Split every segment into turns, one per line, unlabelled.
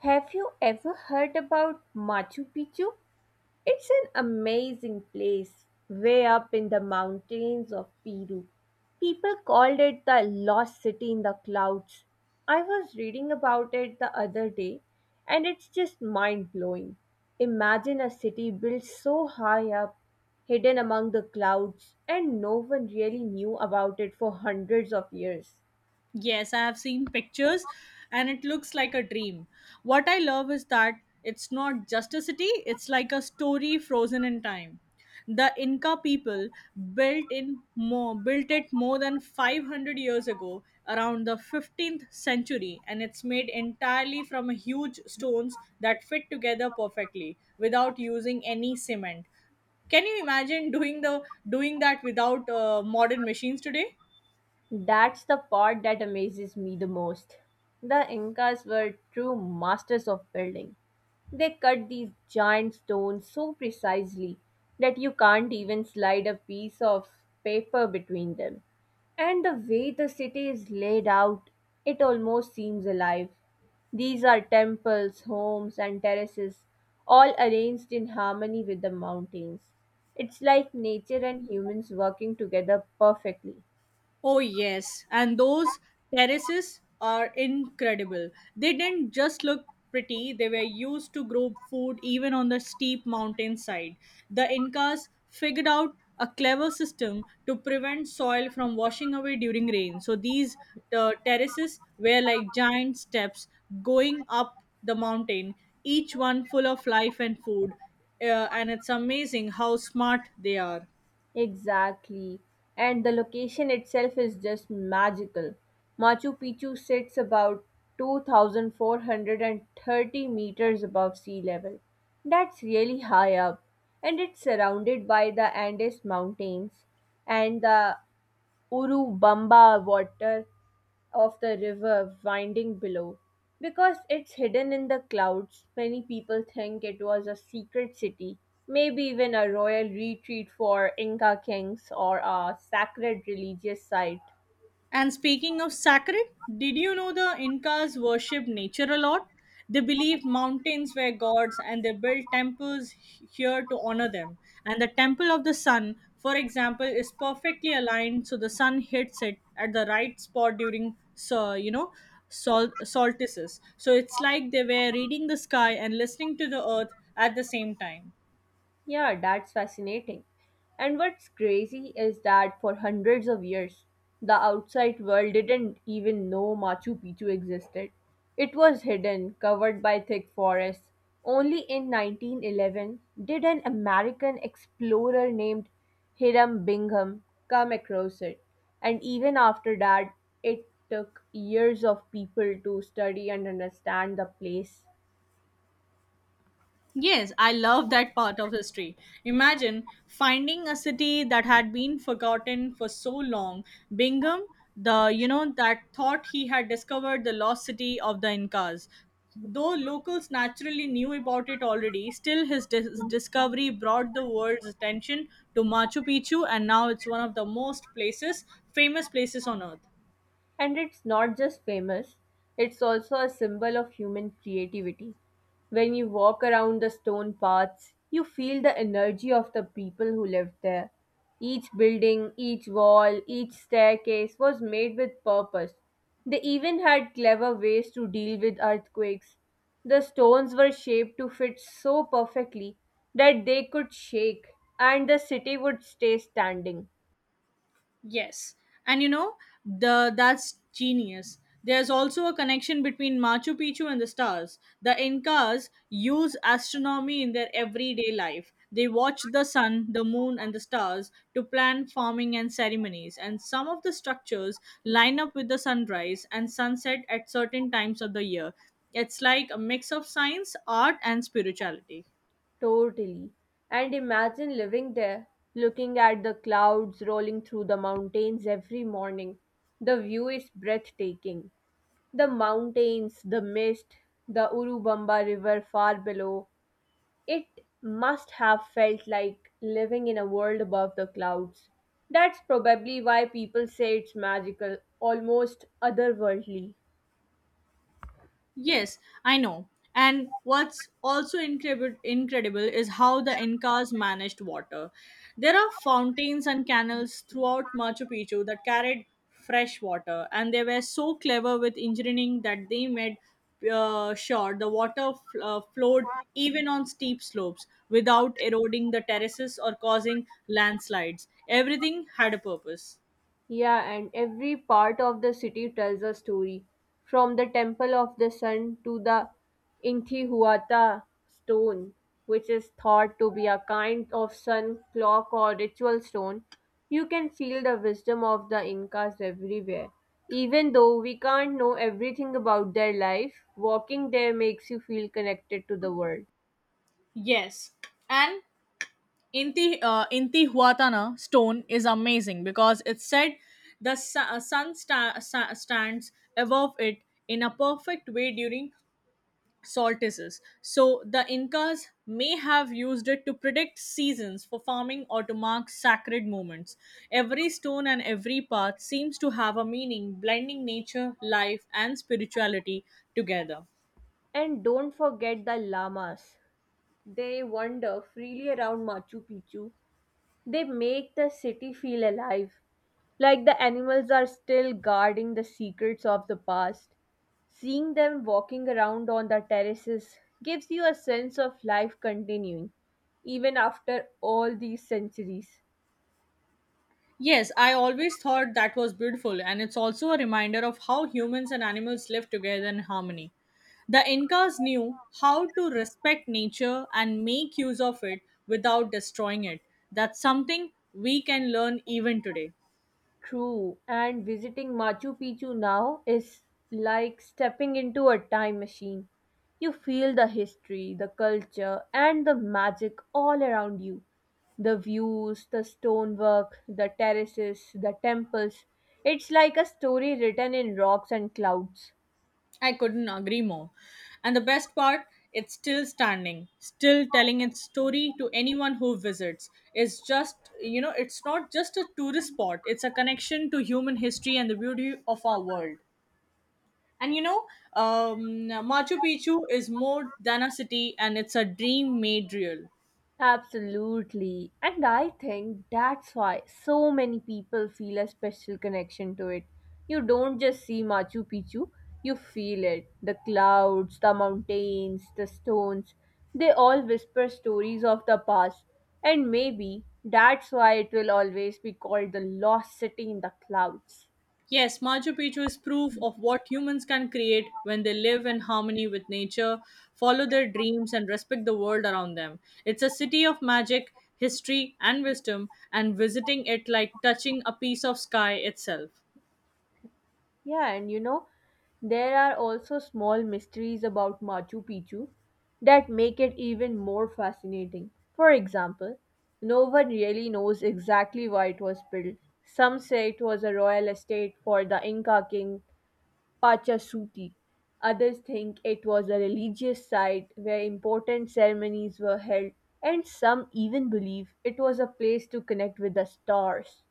Have you ever heard about Machu Picchu? It's an amazing place way up in the mountains of Peru. People called it the lost city in the clouds. I was reading about it the other day and it's just mind blowing. Imagine a city built so high up, hidden among the clouds, and no one really knew about it for hundreds of years.
Yes, I have seen pictures and it looks like a dream. What I love is that it's not just a city, it's like a story frozen in time. The Inca people built it more than 500 years ago around the 15th century, and it's made entirely from huge stones that fit together perfectly without using any cement. Can you imagine doing that without modern machines today?
That's the part that amazes me the most. The Incas were true masters of building. They cut these giant stones so precisely that you can't even slide a piece of paper between them. And the way the city is laid out, it almost seems alive. These are temples, homes, and terraces, all arranged in harmony with the mountains. It's like nature and humans working together perfectly.
Oh, yes. And those terraces are incredible. They didn't just look pretty, they were used to grow food even on the steep mountainside. The Incas figured out a clever system to prevent soil from washing away during rain. So these terraces were like giant steps going up the mountain, each one full of life and food. And it's amazing how smart they are.
Exactly. And the location itself is just magical. Machu Picchu sits about 2,430 meters above sea level. That's really high up. And it's surrounded by the Andes Mountains and the Urubamba water of the river winding below. Because it's hidden in the clouds, many people think it was a secret city, maybe even a royal retreat for Inca kings or a sacred religious site.
And speaking of sacred, did you know the Incas worshipped nature a lot? They believed mountains were gods and they built temples here to honor them. And the temple of the sun, for example, is perfectly aligned so the sun hits it at the right spot during, solstices. So it's like they were reading the sky and listening to the earth at the same time.
Yeah, that's fascinating. And what's crazy is that for hundreds of years, the outside world didn't even know Machu Picchu existed. It was hidden, covered by thick forests. Only in 1911 did an American explorer named Hiram Bingham come across it. And even after that, it took years of people to study and understand the place.
Yes, I love that part of history. Imagine finding a city that had been forgotten for so long. Bingham, the you know that thought he had discovered the lost city of the Incas. Though locals naturally knew about it already, still his discovery brought the world's attention to Machu Picchu, and now it's one of the most places famous places on earth.
And it's not just famous, it's also a symbol of human creativity. When you walk around the stone paths, you feel the energy of the people who lived there. Each building, each wall, each staircase was made with purpose. They even had clever ways to deal with earthquakes. The stones were shaped to fit so perfectly that they could shake and the city would stay standing.
Yes. And you know, the that's genius. There's also a connection between Machu Picchu and the stars. The Incas use astronomy in their everyday life. They watch the sun, the moon, and the stars to plan farming and ceremonies. And some of the structures line up with the sunrise and sunset at certain times of the year. It's like a mix of science, art, and spirituality.
Totally. And imagine living there, looking at the clouds rolling through the mountains every morning. The view is breathtaking. The mountains, the mist, the Urubamba River far below. It must have felt like living in a world above the clouds. That's probably why people say it's magical, almost otherworldly.
Yes, I know. And what's also incredible is how the Incas managed water. There are fountains and canals throughout Machu Picchu that carried fresh water, and they were so clever with engineering that they made sure the water flowed even on steep slopes without eroding the terraces or causing landslides. Everything had a purpose.
Yeah, and every part of the city tells a story. From the Temple of the Sun to the Intihuata stone, which is thought to be a kind of sun clock or ritual stone, you can feel the wisdom of the Incas everywhere. Even though we can't know everything about their life, walking there makes you feel connected to the world.
Yes. And Intihuatana stone is amazing because it's said the sun stands above it in a perfect way during solstices. So the Incas may have used it to predict seasons for farming or to mark sacred moments. Every stone and every path seems to have a meaning, blending nature, life, and spirituality together.
And don't forget the llamas. They wander freely around Machu Picchu. They make the city feel alive, like the animals are still guarding the secrets of the past. Seeing them walking around on the terraces gives you a sense of life continuing, even after all these centuries.
Yes, I always thought that was beautiful, and it's also a reminder of how humans and animals live together in harmony. The Incas knew how to respect nature and make use of it without destroying it. That's something we can learn even today.
True, and visiting Machu Picchu now is like stepping into a time machine. You feel the history, the culture, and the magic all around you. The views, the stonework, the terraces, the temples. It's like a story written in rocks and clouds.
I couldn't agree more. And the best part, it's still standing, still telling its story to anyone who visits. It's just, it's not just a tourist spot, it's a connection to human history and the beauty of our world. And you know, um, Machu Picchu is more than a city, and it's a dream made real.
Absolutely. And I think that's why so many people feel a special connection to it. You don't just see Machu Picchu, you feel it. The clouds, the mountains, the stones, they all whisper stories of the past. And maybe that's why it will always be called the lost city in the clouds.
Yes, Machu Picchu is proof of what humans can create when they live in harmony with nature, follow their dreams, and respect the world around them. It's a city of magic, history, and wisdom, and visiting it like touching a piece of sky itself.
Yeah, and you know, there are also small mysteries about Machu Picchu that make it even more fascinating. For example, no one really knows exactly why it was built. Some say it was a royal estate for the Inca king Pachasuti. Others think it was a religious site where important ceremonies were held, and some even believe it was a place to connect with the stars.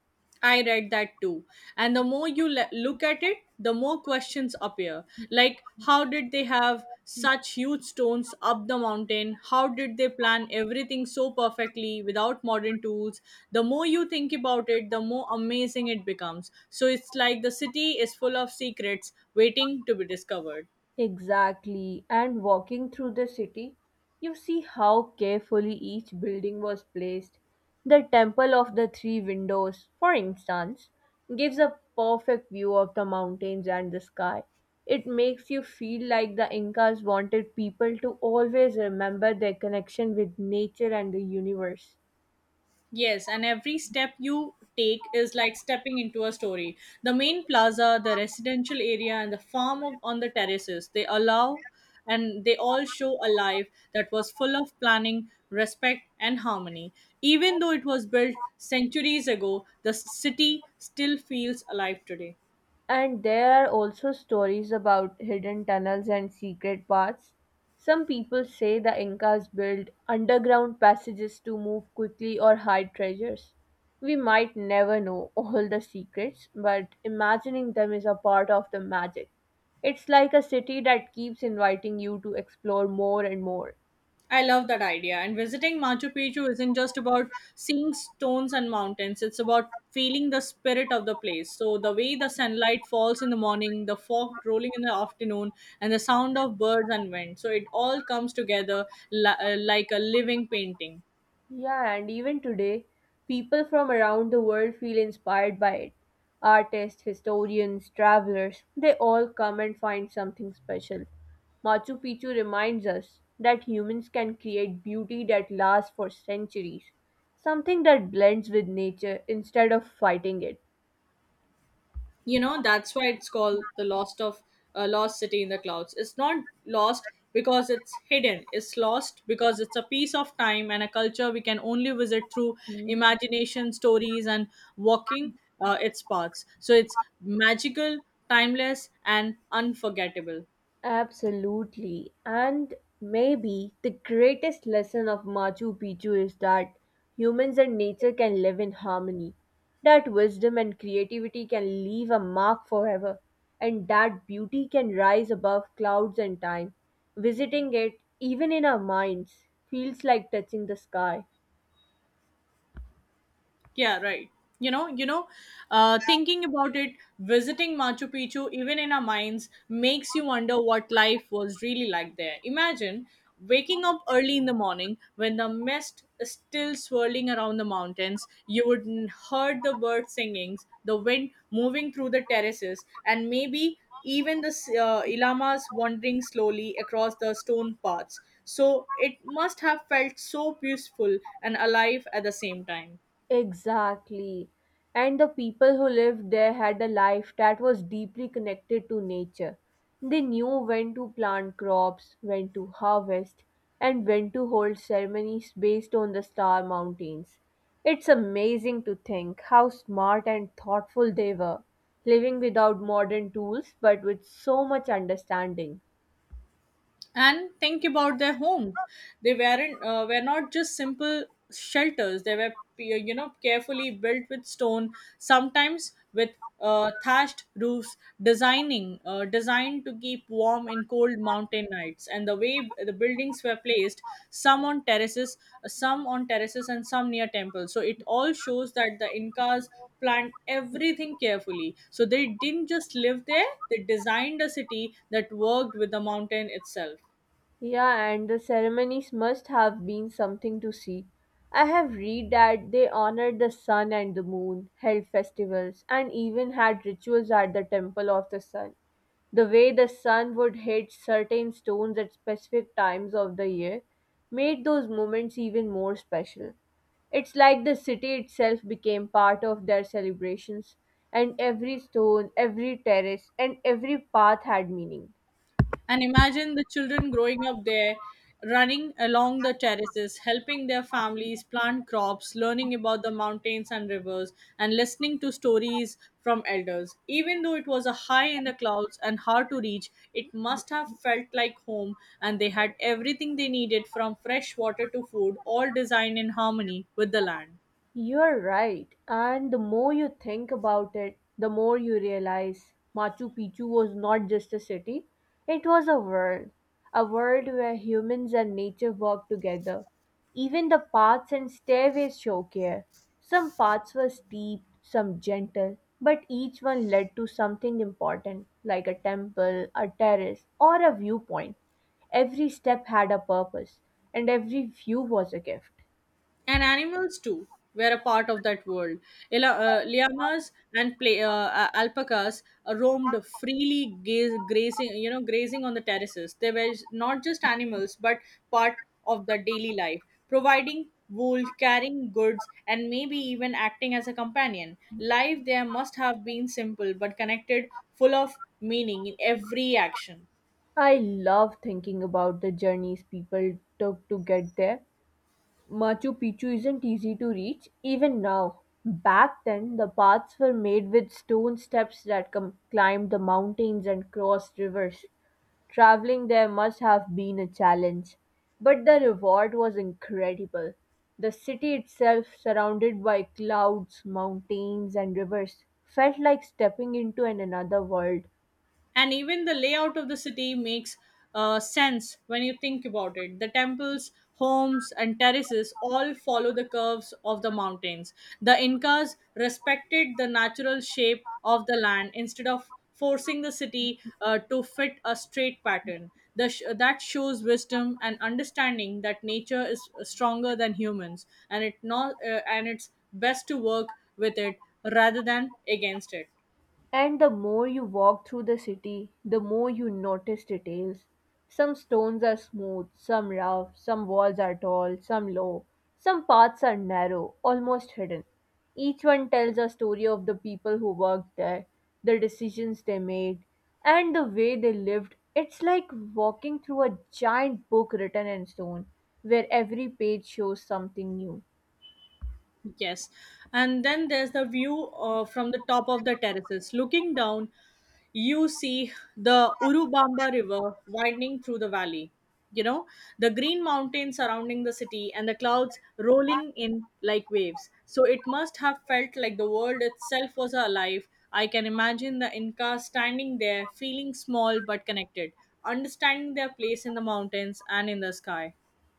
I read that too. And the more you look at it, the more questions appear. Like, how did they have such huge stones up the mountain? How did they plan everything so perfectly without modern tools? The more you think about it, the more amazing it becomes. So it's like the city is full of secrets waiting to be discovered.
Exactly. And walking through the city, you see how carefully each building was placed. The Temple of the Three Windows, for instance, gives a perfect view of the mountains and the sky. It makes you feel like the Incas wanted people to always remember their connection with nature and the universe.
Yes, and every step you take is like stepping into a story. The main plaza, the residential area, and the farm of, on the terraces, they allow and they all show a life that was full of planning, respect, and harmony. Even though it was built centuries ago, the city still feels alive today.
And there are also stories about hidden tunnels and secret paths. Some people say the Incas built underground passages to move quickly or hide treasures. We might never know all the secrets, but imagining them is a part of the magic. It's like a city that keeps inviting you to explore more and more.
I love that idea. And visiting Machu Picchu isn't just about seeing stones and mountains, it's about feeling the spirit of the place. So, the way the sunlight falls in the morning, the fog rolling in the afternoon, and the sound of birds and wind. So, it all comes together like a living painting.
Yeah, and even today, people from around the world feel inspired by it. Artists, historians, travelers, they all come and find something special. Machu Picchu reminds us that humans can create beauty that lasts for centuries, something that blends with nature instead of fighting it.
You know, that's why it's called the lost city in the clouds. It's not lost because it's hidden, it's lost because it's a piece of time and a culture we can only visit through
Mhm.
imagination, stories, and walking its paths. So it's magical, timeless, and unforgettable.
Absolutely. And maybe the greatest lesson of Machu Picchu is that humans and nature can live in harmony. That wisdom and creativity can leave a mark forever. And that beauty can rise above clouds and time. Visiting it, even in our minds, feels like touching the sky.
Yeah, right. You know, you know, Thinking about it, visiting Machu Picchu, even in our minds, makes you wonder what life was really like there. Imagine waking up early in the morning when the mist is still swirling around the mountains. You would heard the birds singings, the wind moving through the terraces, and maybe even the llamas wandering slowly across the stone paths. So it must have felt so peaceful and alive at the same time.
Exactly. And the people who lived there had a life that was deeply connected to nature. They knew when to plant crops, when to harvest, and when to hold ceremonies based on the star mountains. It's amazing to think how smart and thoughtful they were, living without modern tools but with so much understanding.
And think about their homes. They were not just simple shelters, they were, you know, carefully built with stone, sometimes with thatched roofs, designing designed to keep warm in cold mountain nights. And the way the buildings were placed, some on terraces, and some near temples, so it all shows that the Incas planned everything carefully. So they didn't just live there, they designed a city that worked with the mountain itself.
Yeah, and the ceremonies must have been something to see. I have read that they honored the sun and the moon, held festivals, and even had rituals at the temple of the sun. The way the sun would hit certain stones at specific times of the year made those moments even more special. It's like the city itself became part of their celebrations, and every stone, every terrace, and every path had meaning.
And imagine the children growing up there, running along the terraces, helping their families plant crops, learning about the mountains and rivers, and listening to stories from elders. Even though it was a high in the clouds and hard to reach, it must have felt like home, and they had everything they needed from fresh water to food, all designed in harmony with the land.
You're right, and the more you think about it, the more you realize Machu Picchu was not just a city, it was a world. A world where humans and nature work together. Even the paths and stairways show care. Some paths were steep, some gentle, but each one led to something important, like a temple, a terrace, or a viewpoint. Every step had a purpose, and every view was a gift.
And animals too were a part of that world. Llamas and alpacas roamed freely, gaze, grazing you know grazing on the terraces. They were not just animals but part of the daily life, providing wool, carrying goods, and maybe even acting as a companion. Life there must have been simple but connected, full of meaning in every action.
I love thinking about the journeys people took to get there. Machu Picchu isn't easy to reach, even now. Back then, the paths were made with stone steps that climbed the mountains and crossed rivers. Traveling there must have been a challenge, but the reward was incredible. The city itself, surrounded by clouds, mountains, and rivers, felt like stepping into an another world.
And even the layout of the city makes sense when you think about it. The temples, homes, and terraces all follow the curves of the mountains. The Incas respected the natural shape of the land instead of forcing the city to fit a straight pattern. That shows wisdom and understanding that nature is stronger than humans, and it not and it's best to work with it rather than against it.
And the more you walk through the city, the more you notice details. Some stones are smooth, some rough, some walls are tall, some low, some paths are narrow, almost hidden. Each one tells a story of the people who worked there, the decisions they made, and the way they lived. It's like walking through a giant book written in stone, where every page shows something new.
Yes. And then there's the view from the top of the terraces. Looking down, you see the Urubamba River winding through the valley. You know, the green mountains surrounding the city and the clouds rolling in like waves. So it must have felt like the world itself was alive. I can imagine the Inca standing there, feeling small but connected, understanding their place in the mountains and in the sky.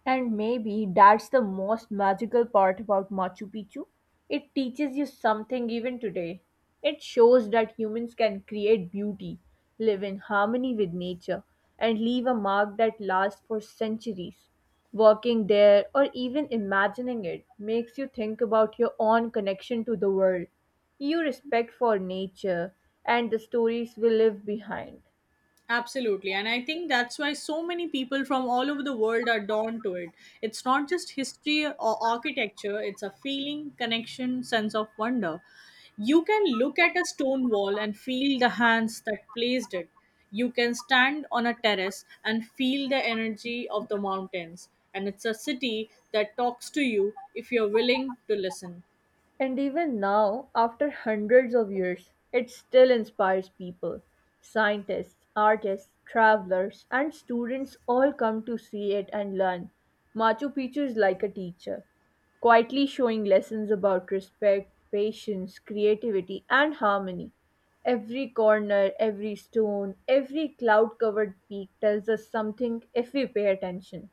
And maybe that's the most magical part about Machu Picchu. It teaches you something even today. It shows that humans can create beauty, live in harmony with nature, and leave a mark that lasts for centuries. Walking there or even imagining it makes you think about your own connection to the world, your respect for nature, and the stories we leave behind.
Absolutely. And I think that's why so many people from all over the world are drawn to it. It's not just history or architecture, it's a feeling, connection, sense of wonder. You can look at a stone wall and feel the hands that placed it. You can stand on a terrace and feel the energy of the mountains. And it's a city that talks to you if you're willing to listen.
And even now, after hundreds of years, it still inspires people. Scientists, artists, travelers, and students all come to see it and learn. Machu Picchu is like a teacher, quietly showing lessons about respect, patience, creativity, and harmony. Every corner, every stone, every cloud covered peak tells us something if we pay attention.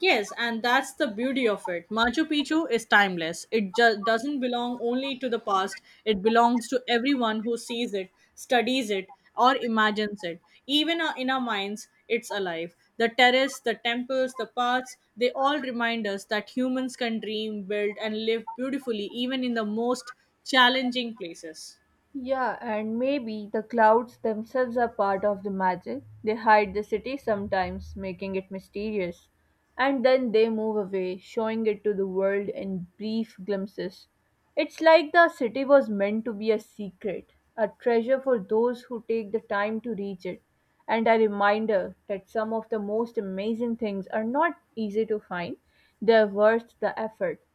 Yes, and that's the beauty of it. Machu Picchu is timeless. It doesn't belong only to the past, it belongs to everyone who sees it, studies it, or imagines it. Even in our minds, it's alive. The terrace, the temples, the paths, they all remind us that humans can dream, build, and live beautifully even in the most challenging places.
Yeah, and maybe the clouds themselves are part of the magic. They hide the city sometimes, making it mysterious. And then they move away, showing it to the world in brief glimpses. It's like the city was meant to be a secret, a treasure for those who take the time to reach it, and a reminder that some of the most amazing things are not easy to find. They're worth the effort.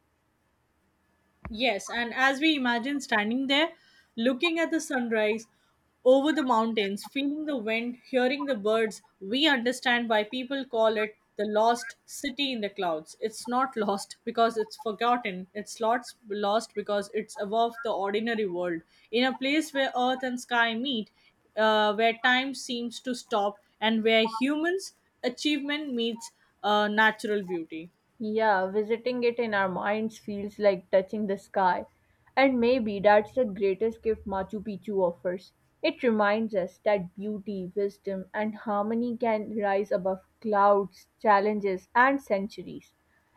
Yes, and as we imagine standing there, looking at the sunrise over the mountains, feeling the wind, hearing the birds, we understand why people call it the lost city in the clouds. It's not lost because it's forgotten. It's lost because it's above the ordinary world. In a place where earth and sky meet, where time seems to stop, and where humans' achievement meets natural beauty.
Yeah, visiting it in our minds feels like touching the sky. And maybe that's the greatest gift Machu Picchu offers. It reminds us that beauty, wisdom, and harmony can rise above clouds, challenges, and centuries.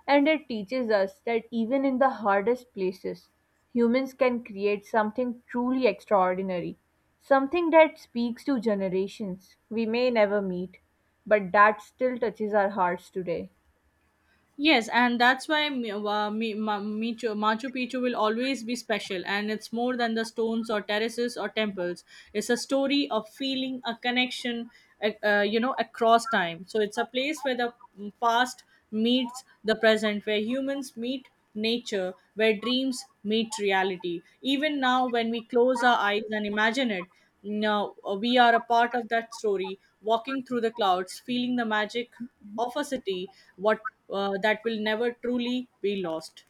And it teaches us that even in the hardest places, humans can create something truly extraordinary, something that speaks to generations we may never meet, but that still touches our hearts today.
Yes, and that's why Machu Picchu will always be special, and it's more than the stones or terraces or temples. It's a story of feeling a connection, across time. So it's a place where the past meets the present, where humans meet nature, where dreams meet reality. Even now, when we close our eyes and imagine it, now we are a part of that story, walking through the clouds, feeling the magic of a city what that will never truly be lost.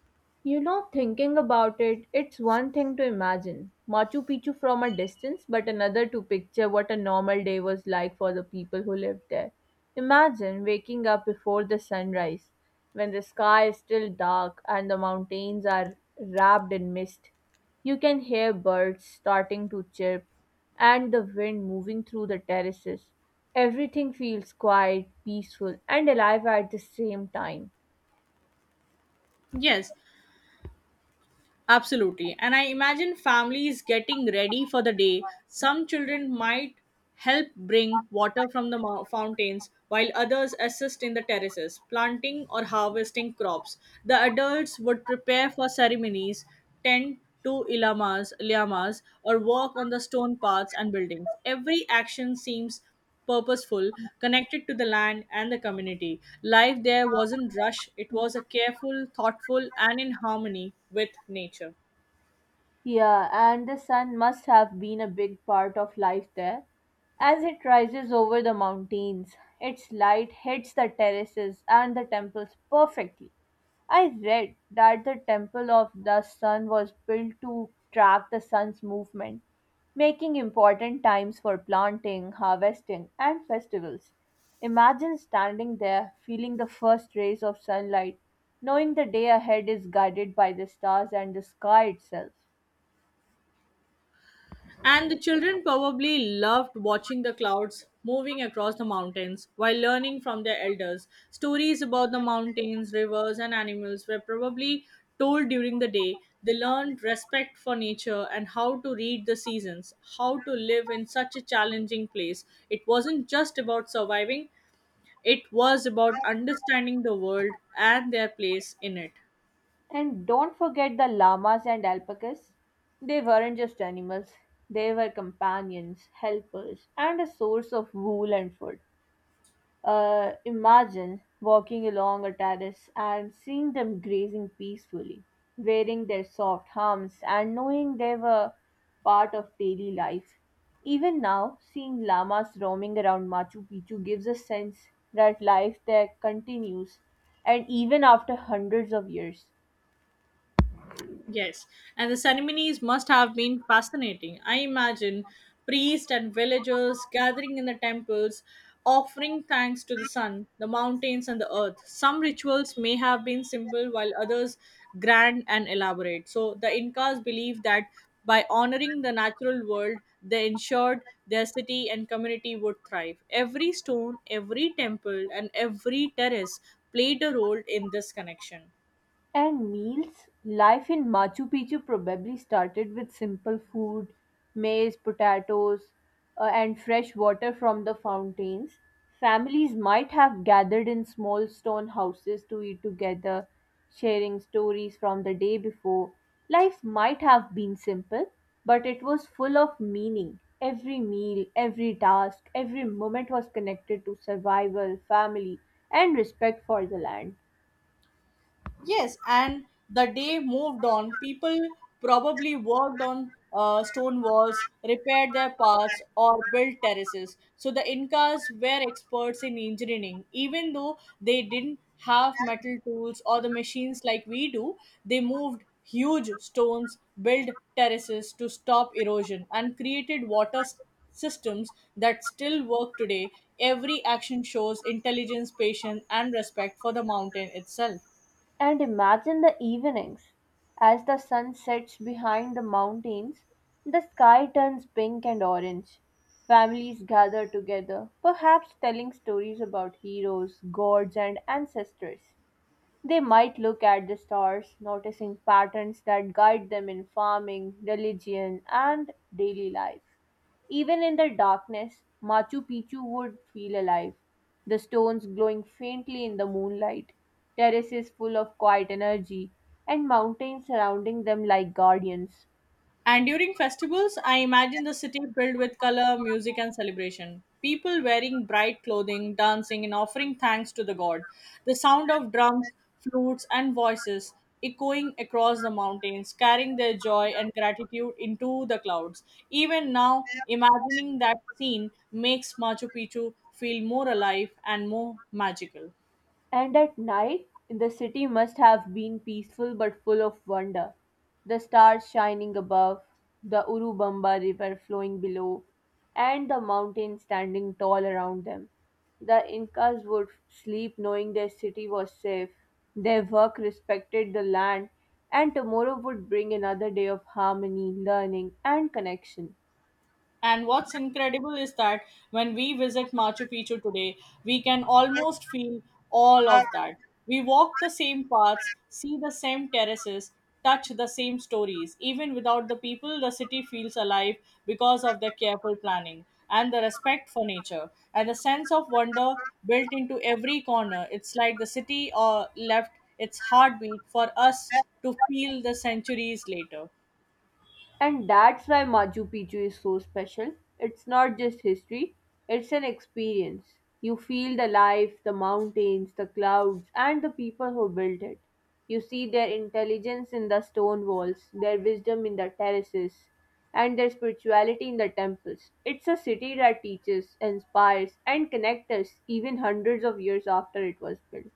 You know, thinking about it, it's one thing to imagine Machu Picchu from a distance, but another to picture what a normal day was like for the people who lived there. Imagine waking up before the sunrise, when the sky is still dark and the mountains are wrapped in mist. You can hear birds starting to chirp and the wind moving through the terraces. Everything feels quiet, peaceful, and alive at the same time.
Yes, absolutely. And I imagine families getting ready for the day. Some children might help bring water from the fountains, while others assist in the terraces planting or harvesting crops. The adults would prepare for ceremonies, tend to ilamas liamas, or walk on the stone paths and buildings. Every action seems purposeful, connected to the land and the community. Life there wasn't rush, it was a careful, thoughtful, and in harmony with nature.
Yeah, and the sun must have been a big part of life there. As it rises over the mountains, its light hits the terraces and the temples perfectly. I read that the temple of the sun was built to track the sun's movement, making important times for planting, harvesting, and festivals. Imagine standing there, feeling the first rays of sunlight, knowing the day ahead is guided by the stars and the sky itself.
And the children probably loved watching the clouds moving across the mountains while learning from their elders. Stories about the mountains, rivers, and animals were probably told during the day. They learned respect for nature and how to read the seasons, how to live in such a challenging place. It wasn't just about surviving, it was about understanding the world and their place in it.
And don't forget the llamas and alpacas. They weren't just animals, they were companions, helpers, and a source of wool and food. Imagine walking along a terrace and seeing them grazing peacefully, wearing their soft humps and knowing they were part of daily life. Even now, seeing llamas roaming around Machu Picchu gives a sense that life there continues, and even after hundreds of years.
Yes, and the ceremonies must have been fascinating. I imagine priests and villagers gathering in the temples, offering thanks to the sun, the mountains, and the earth. Some rituals may have been simple, while others grand and elaborate. So, the Incas believed that by honoring the natural world, they ensured their city and community would thrive. Every stone, every temple, and every terrace played a role in this connection.
And meals? Life in Machu Picchu probably started with simple food, maize, potatoes, and fresh water from the fountains. Families might have gathered in small stone houses to eat together, sharing stories from the day before. Life might have been simple, but it was full of meaning. Every meal, every task, every moment was connected to survival, family, and respect for the land.
Yes, and the day moved on. People probably worked on stone walls, repaired their paths, or built terraces. So the Incas were experts in engineering. Even though they didn't have metal tools or the machines like we do, they moved huge stones, built terraces to stop erosion, and created systems that still work today. Every action shows intelligence, patience, and respect for the mountain itself.
And imagine the evenings. As the sun sets behind the mountains, the sky turns pink and orange. Families gather together, perhaps telling stories about heroes, gods, and ancestors. They might look at the stars, noticing patterns that guide them in farming, religion, and daily life. Even in the darkness, Machu Picchu would feel alive, the stones glowing faintly in the moonlight, terraces full of quiet energy, and mountains surrounding them like guardians.
And during festivals, I imagine the city filled with color, music, and celebration. People wearing bright clothing, dancing, and offering thanks to the god. The sound of drums, flutes, and voices echoing across the mountains, carrying their joy and gratitude into the clouds. Even now, imagining that scene makes Machu Picchu feel more alive and more magical.
And at night, the city must have been peaceful but full of wonder. The stars shining above, the Urubamba river flowing below, and the mountains standing tall around them. The Incas would sleep knowing their city was safe, their work respected the land, and tomorrow would bring another day of harmony, learning, and connection.
And what's incredible is that when we visit Machu Picchu today, we can almost feel all of that. We walk the same paths, see the same terraces, touch the same stories. Even without the people, the city feels alive because of their careful planning and the respect for nature and the sense of wonder built into every corner. It's like the city or left its heartbeat for us to feel the centuries later.
And that's why Machu Picchu is so special. It's not just history, it's an experience. You feel the life, the mountains, the clouds, and the people who built it. You see their intelligence in the stone walls, their wisdom in the terraces, and their spirituality in the temples. It's a city that teaches, inspires, and connects us even hundreds of years after it was built.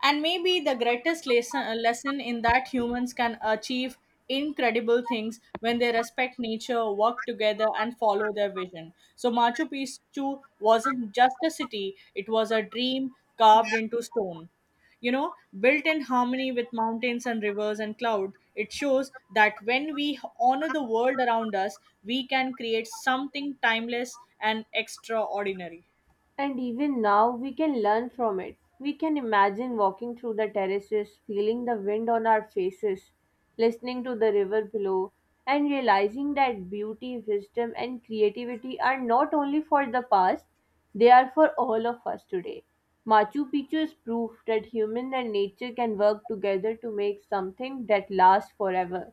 And maybe the greatest lesson in that humans can achieve incredible things when they respect nature, work together, and follow their vision. So, Machu Picchu wasn't just a city, it was a dream carved into stone. You know, built in harmony with mountains and rivers and cloud, it shows that when we honor the world around us, we can create something timeless and extraordinary.
And even now, we can learn from it. We can imagine walking through the terraces, feeling the wind on our faces, listening to the river below, and realizing that beauty, wisdom, and creativity are not only for the past, they are for all of us today. Machu Picchu is proof that humans and nature can work together to make something that lasts forever.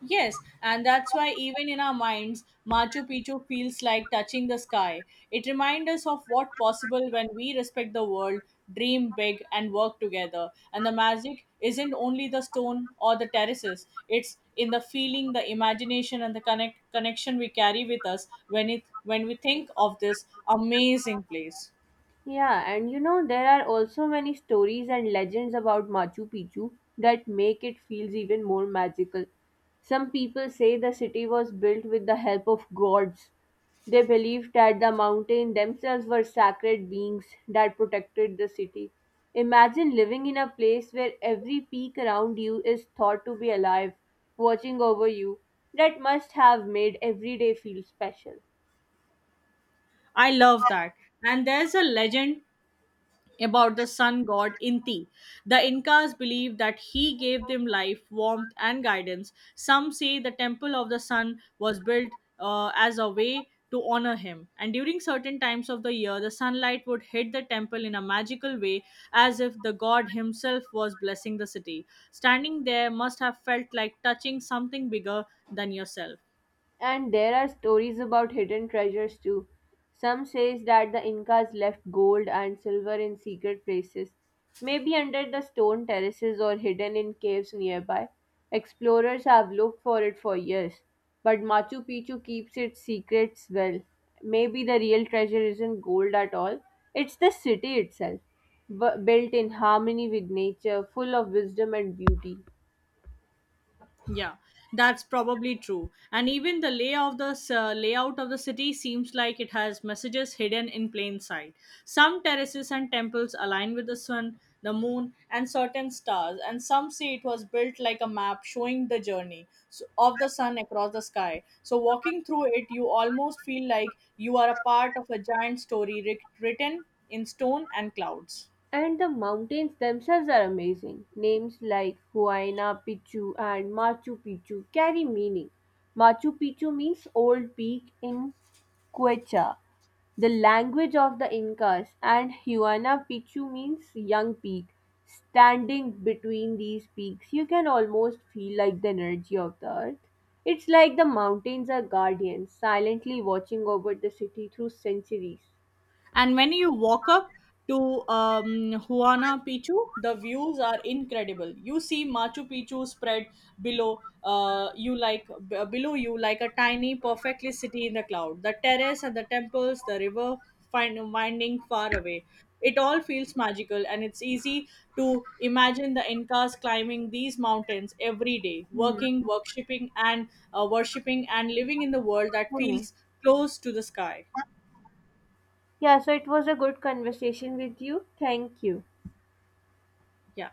Yes, and that's why even in our minds, Machu Picchu feels like touching the sky. It reminds us of what's possible when we respect the world, dream big, and work together. And the magic isn't only the stone or the terraces; it's in the feeling, the imagination, and the connection we carry with us when we think of this amazing place.
Yeah, and you know, there are also many stories and legends about Machu Picchu that make it feels even more magical. Some people say the city was built with the help of gods. They believed that the mountain themselves were sacred beings that protected the city. Imagine living in a place where every peak around you is thought to be alive, watching over you. That must have made every day feel special.
I love that. And there's a legend about the sun god Inti. The Incas believe that he gave them life, warmth, and guidance. Some say the temple of the sun was built as a way to honor him. And during certain times of the year, the sunlight would hit the temple in a magical way, as if the god himself was blessing the city. Standing there must have felt like touching something bigger than yourself.
And there are stories about hidden treasures too. Some says that the Incas left gold and silver in secret places, maybe under the stone terraces or hidden in caves nearby. Explorers have looked for it for years, but Machu Picchu keeps its secrets well. Maybe the real treasure isn't gold at all, it's the city itself, built in harmony with nature, full of wisdom and beauty.
Yeah, that's probably true. And even the lay of the layout of the city seems like it has messages hidden in plain sight. Some terraces and temples align with the sun, the moon, and certain stars, and some say it was built like a map showing the journey of the sun across the sky. So walking through it, you almost feel like you are a part of a giant written in stone and clouds.
And the mountains themselves are amazing. Names like Huayna Picchu and Machu Picchu carry meaning. Machu Picchu means old peak in Quechua, the language of the Incas, and Huayna Picchu means young peak. Standing between these peaks, you can almost feel like the energy of the earth. It's like the mountains are guardians, silently watching over the city through centuries.
And when you walk up to Huana Pichu, the views are incredible. You see Machu Picchu spread below you like below you like a tiny, perfectly city in the cloud. The terrace and the temples, the river find, winding far away. It all feels magical, and it's easy to imagine the Incas climbing these mountains every day,
Hmm.
working, worshipping, and living in the world that
Hmm.
feels close to the sky.
Yeah, so it was a good conversation with you. Thank you.
Yeah.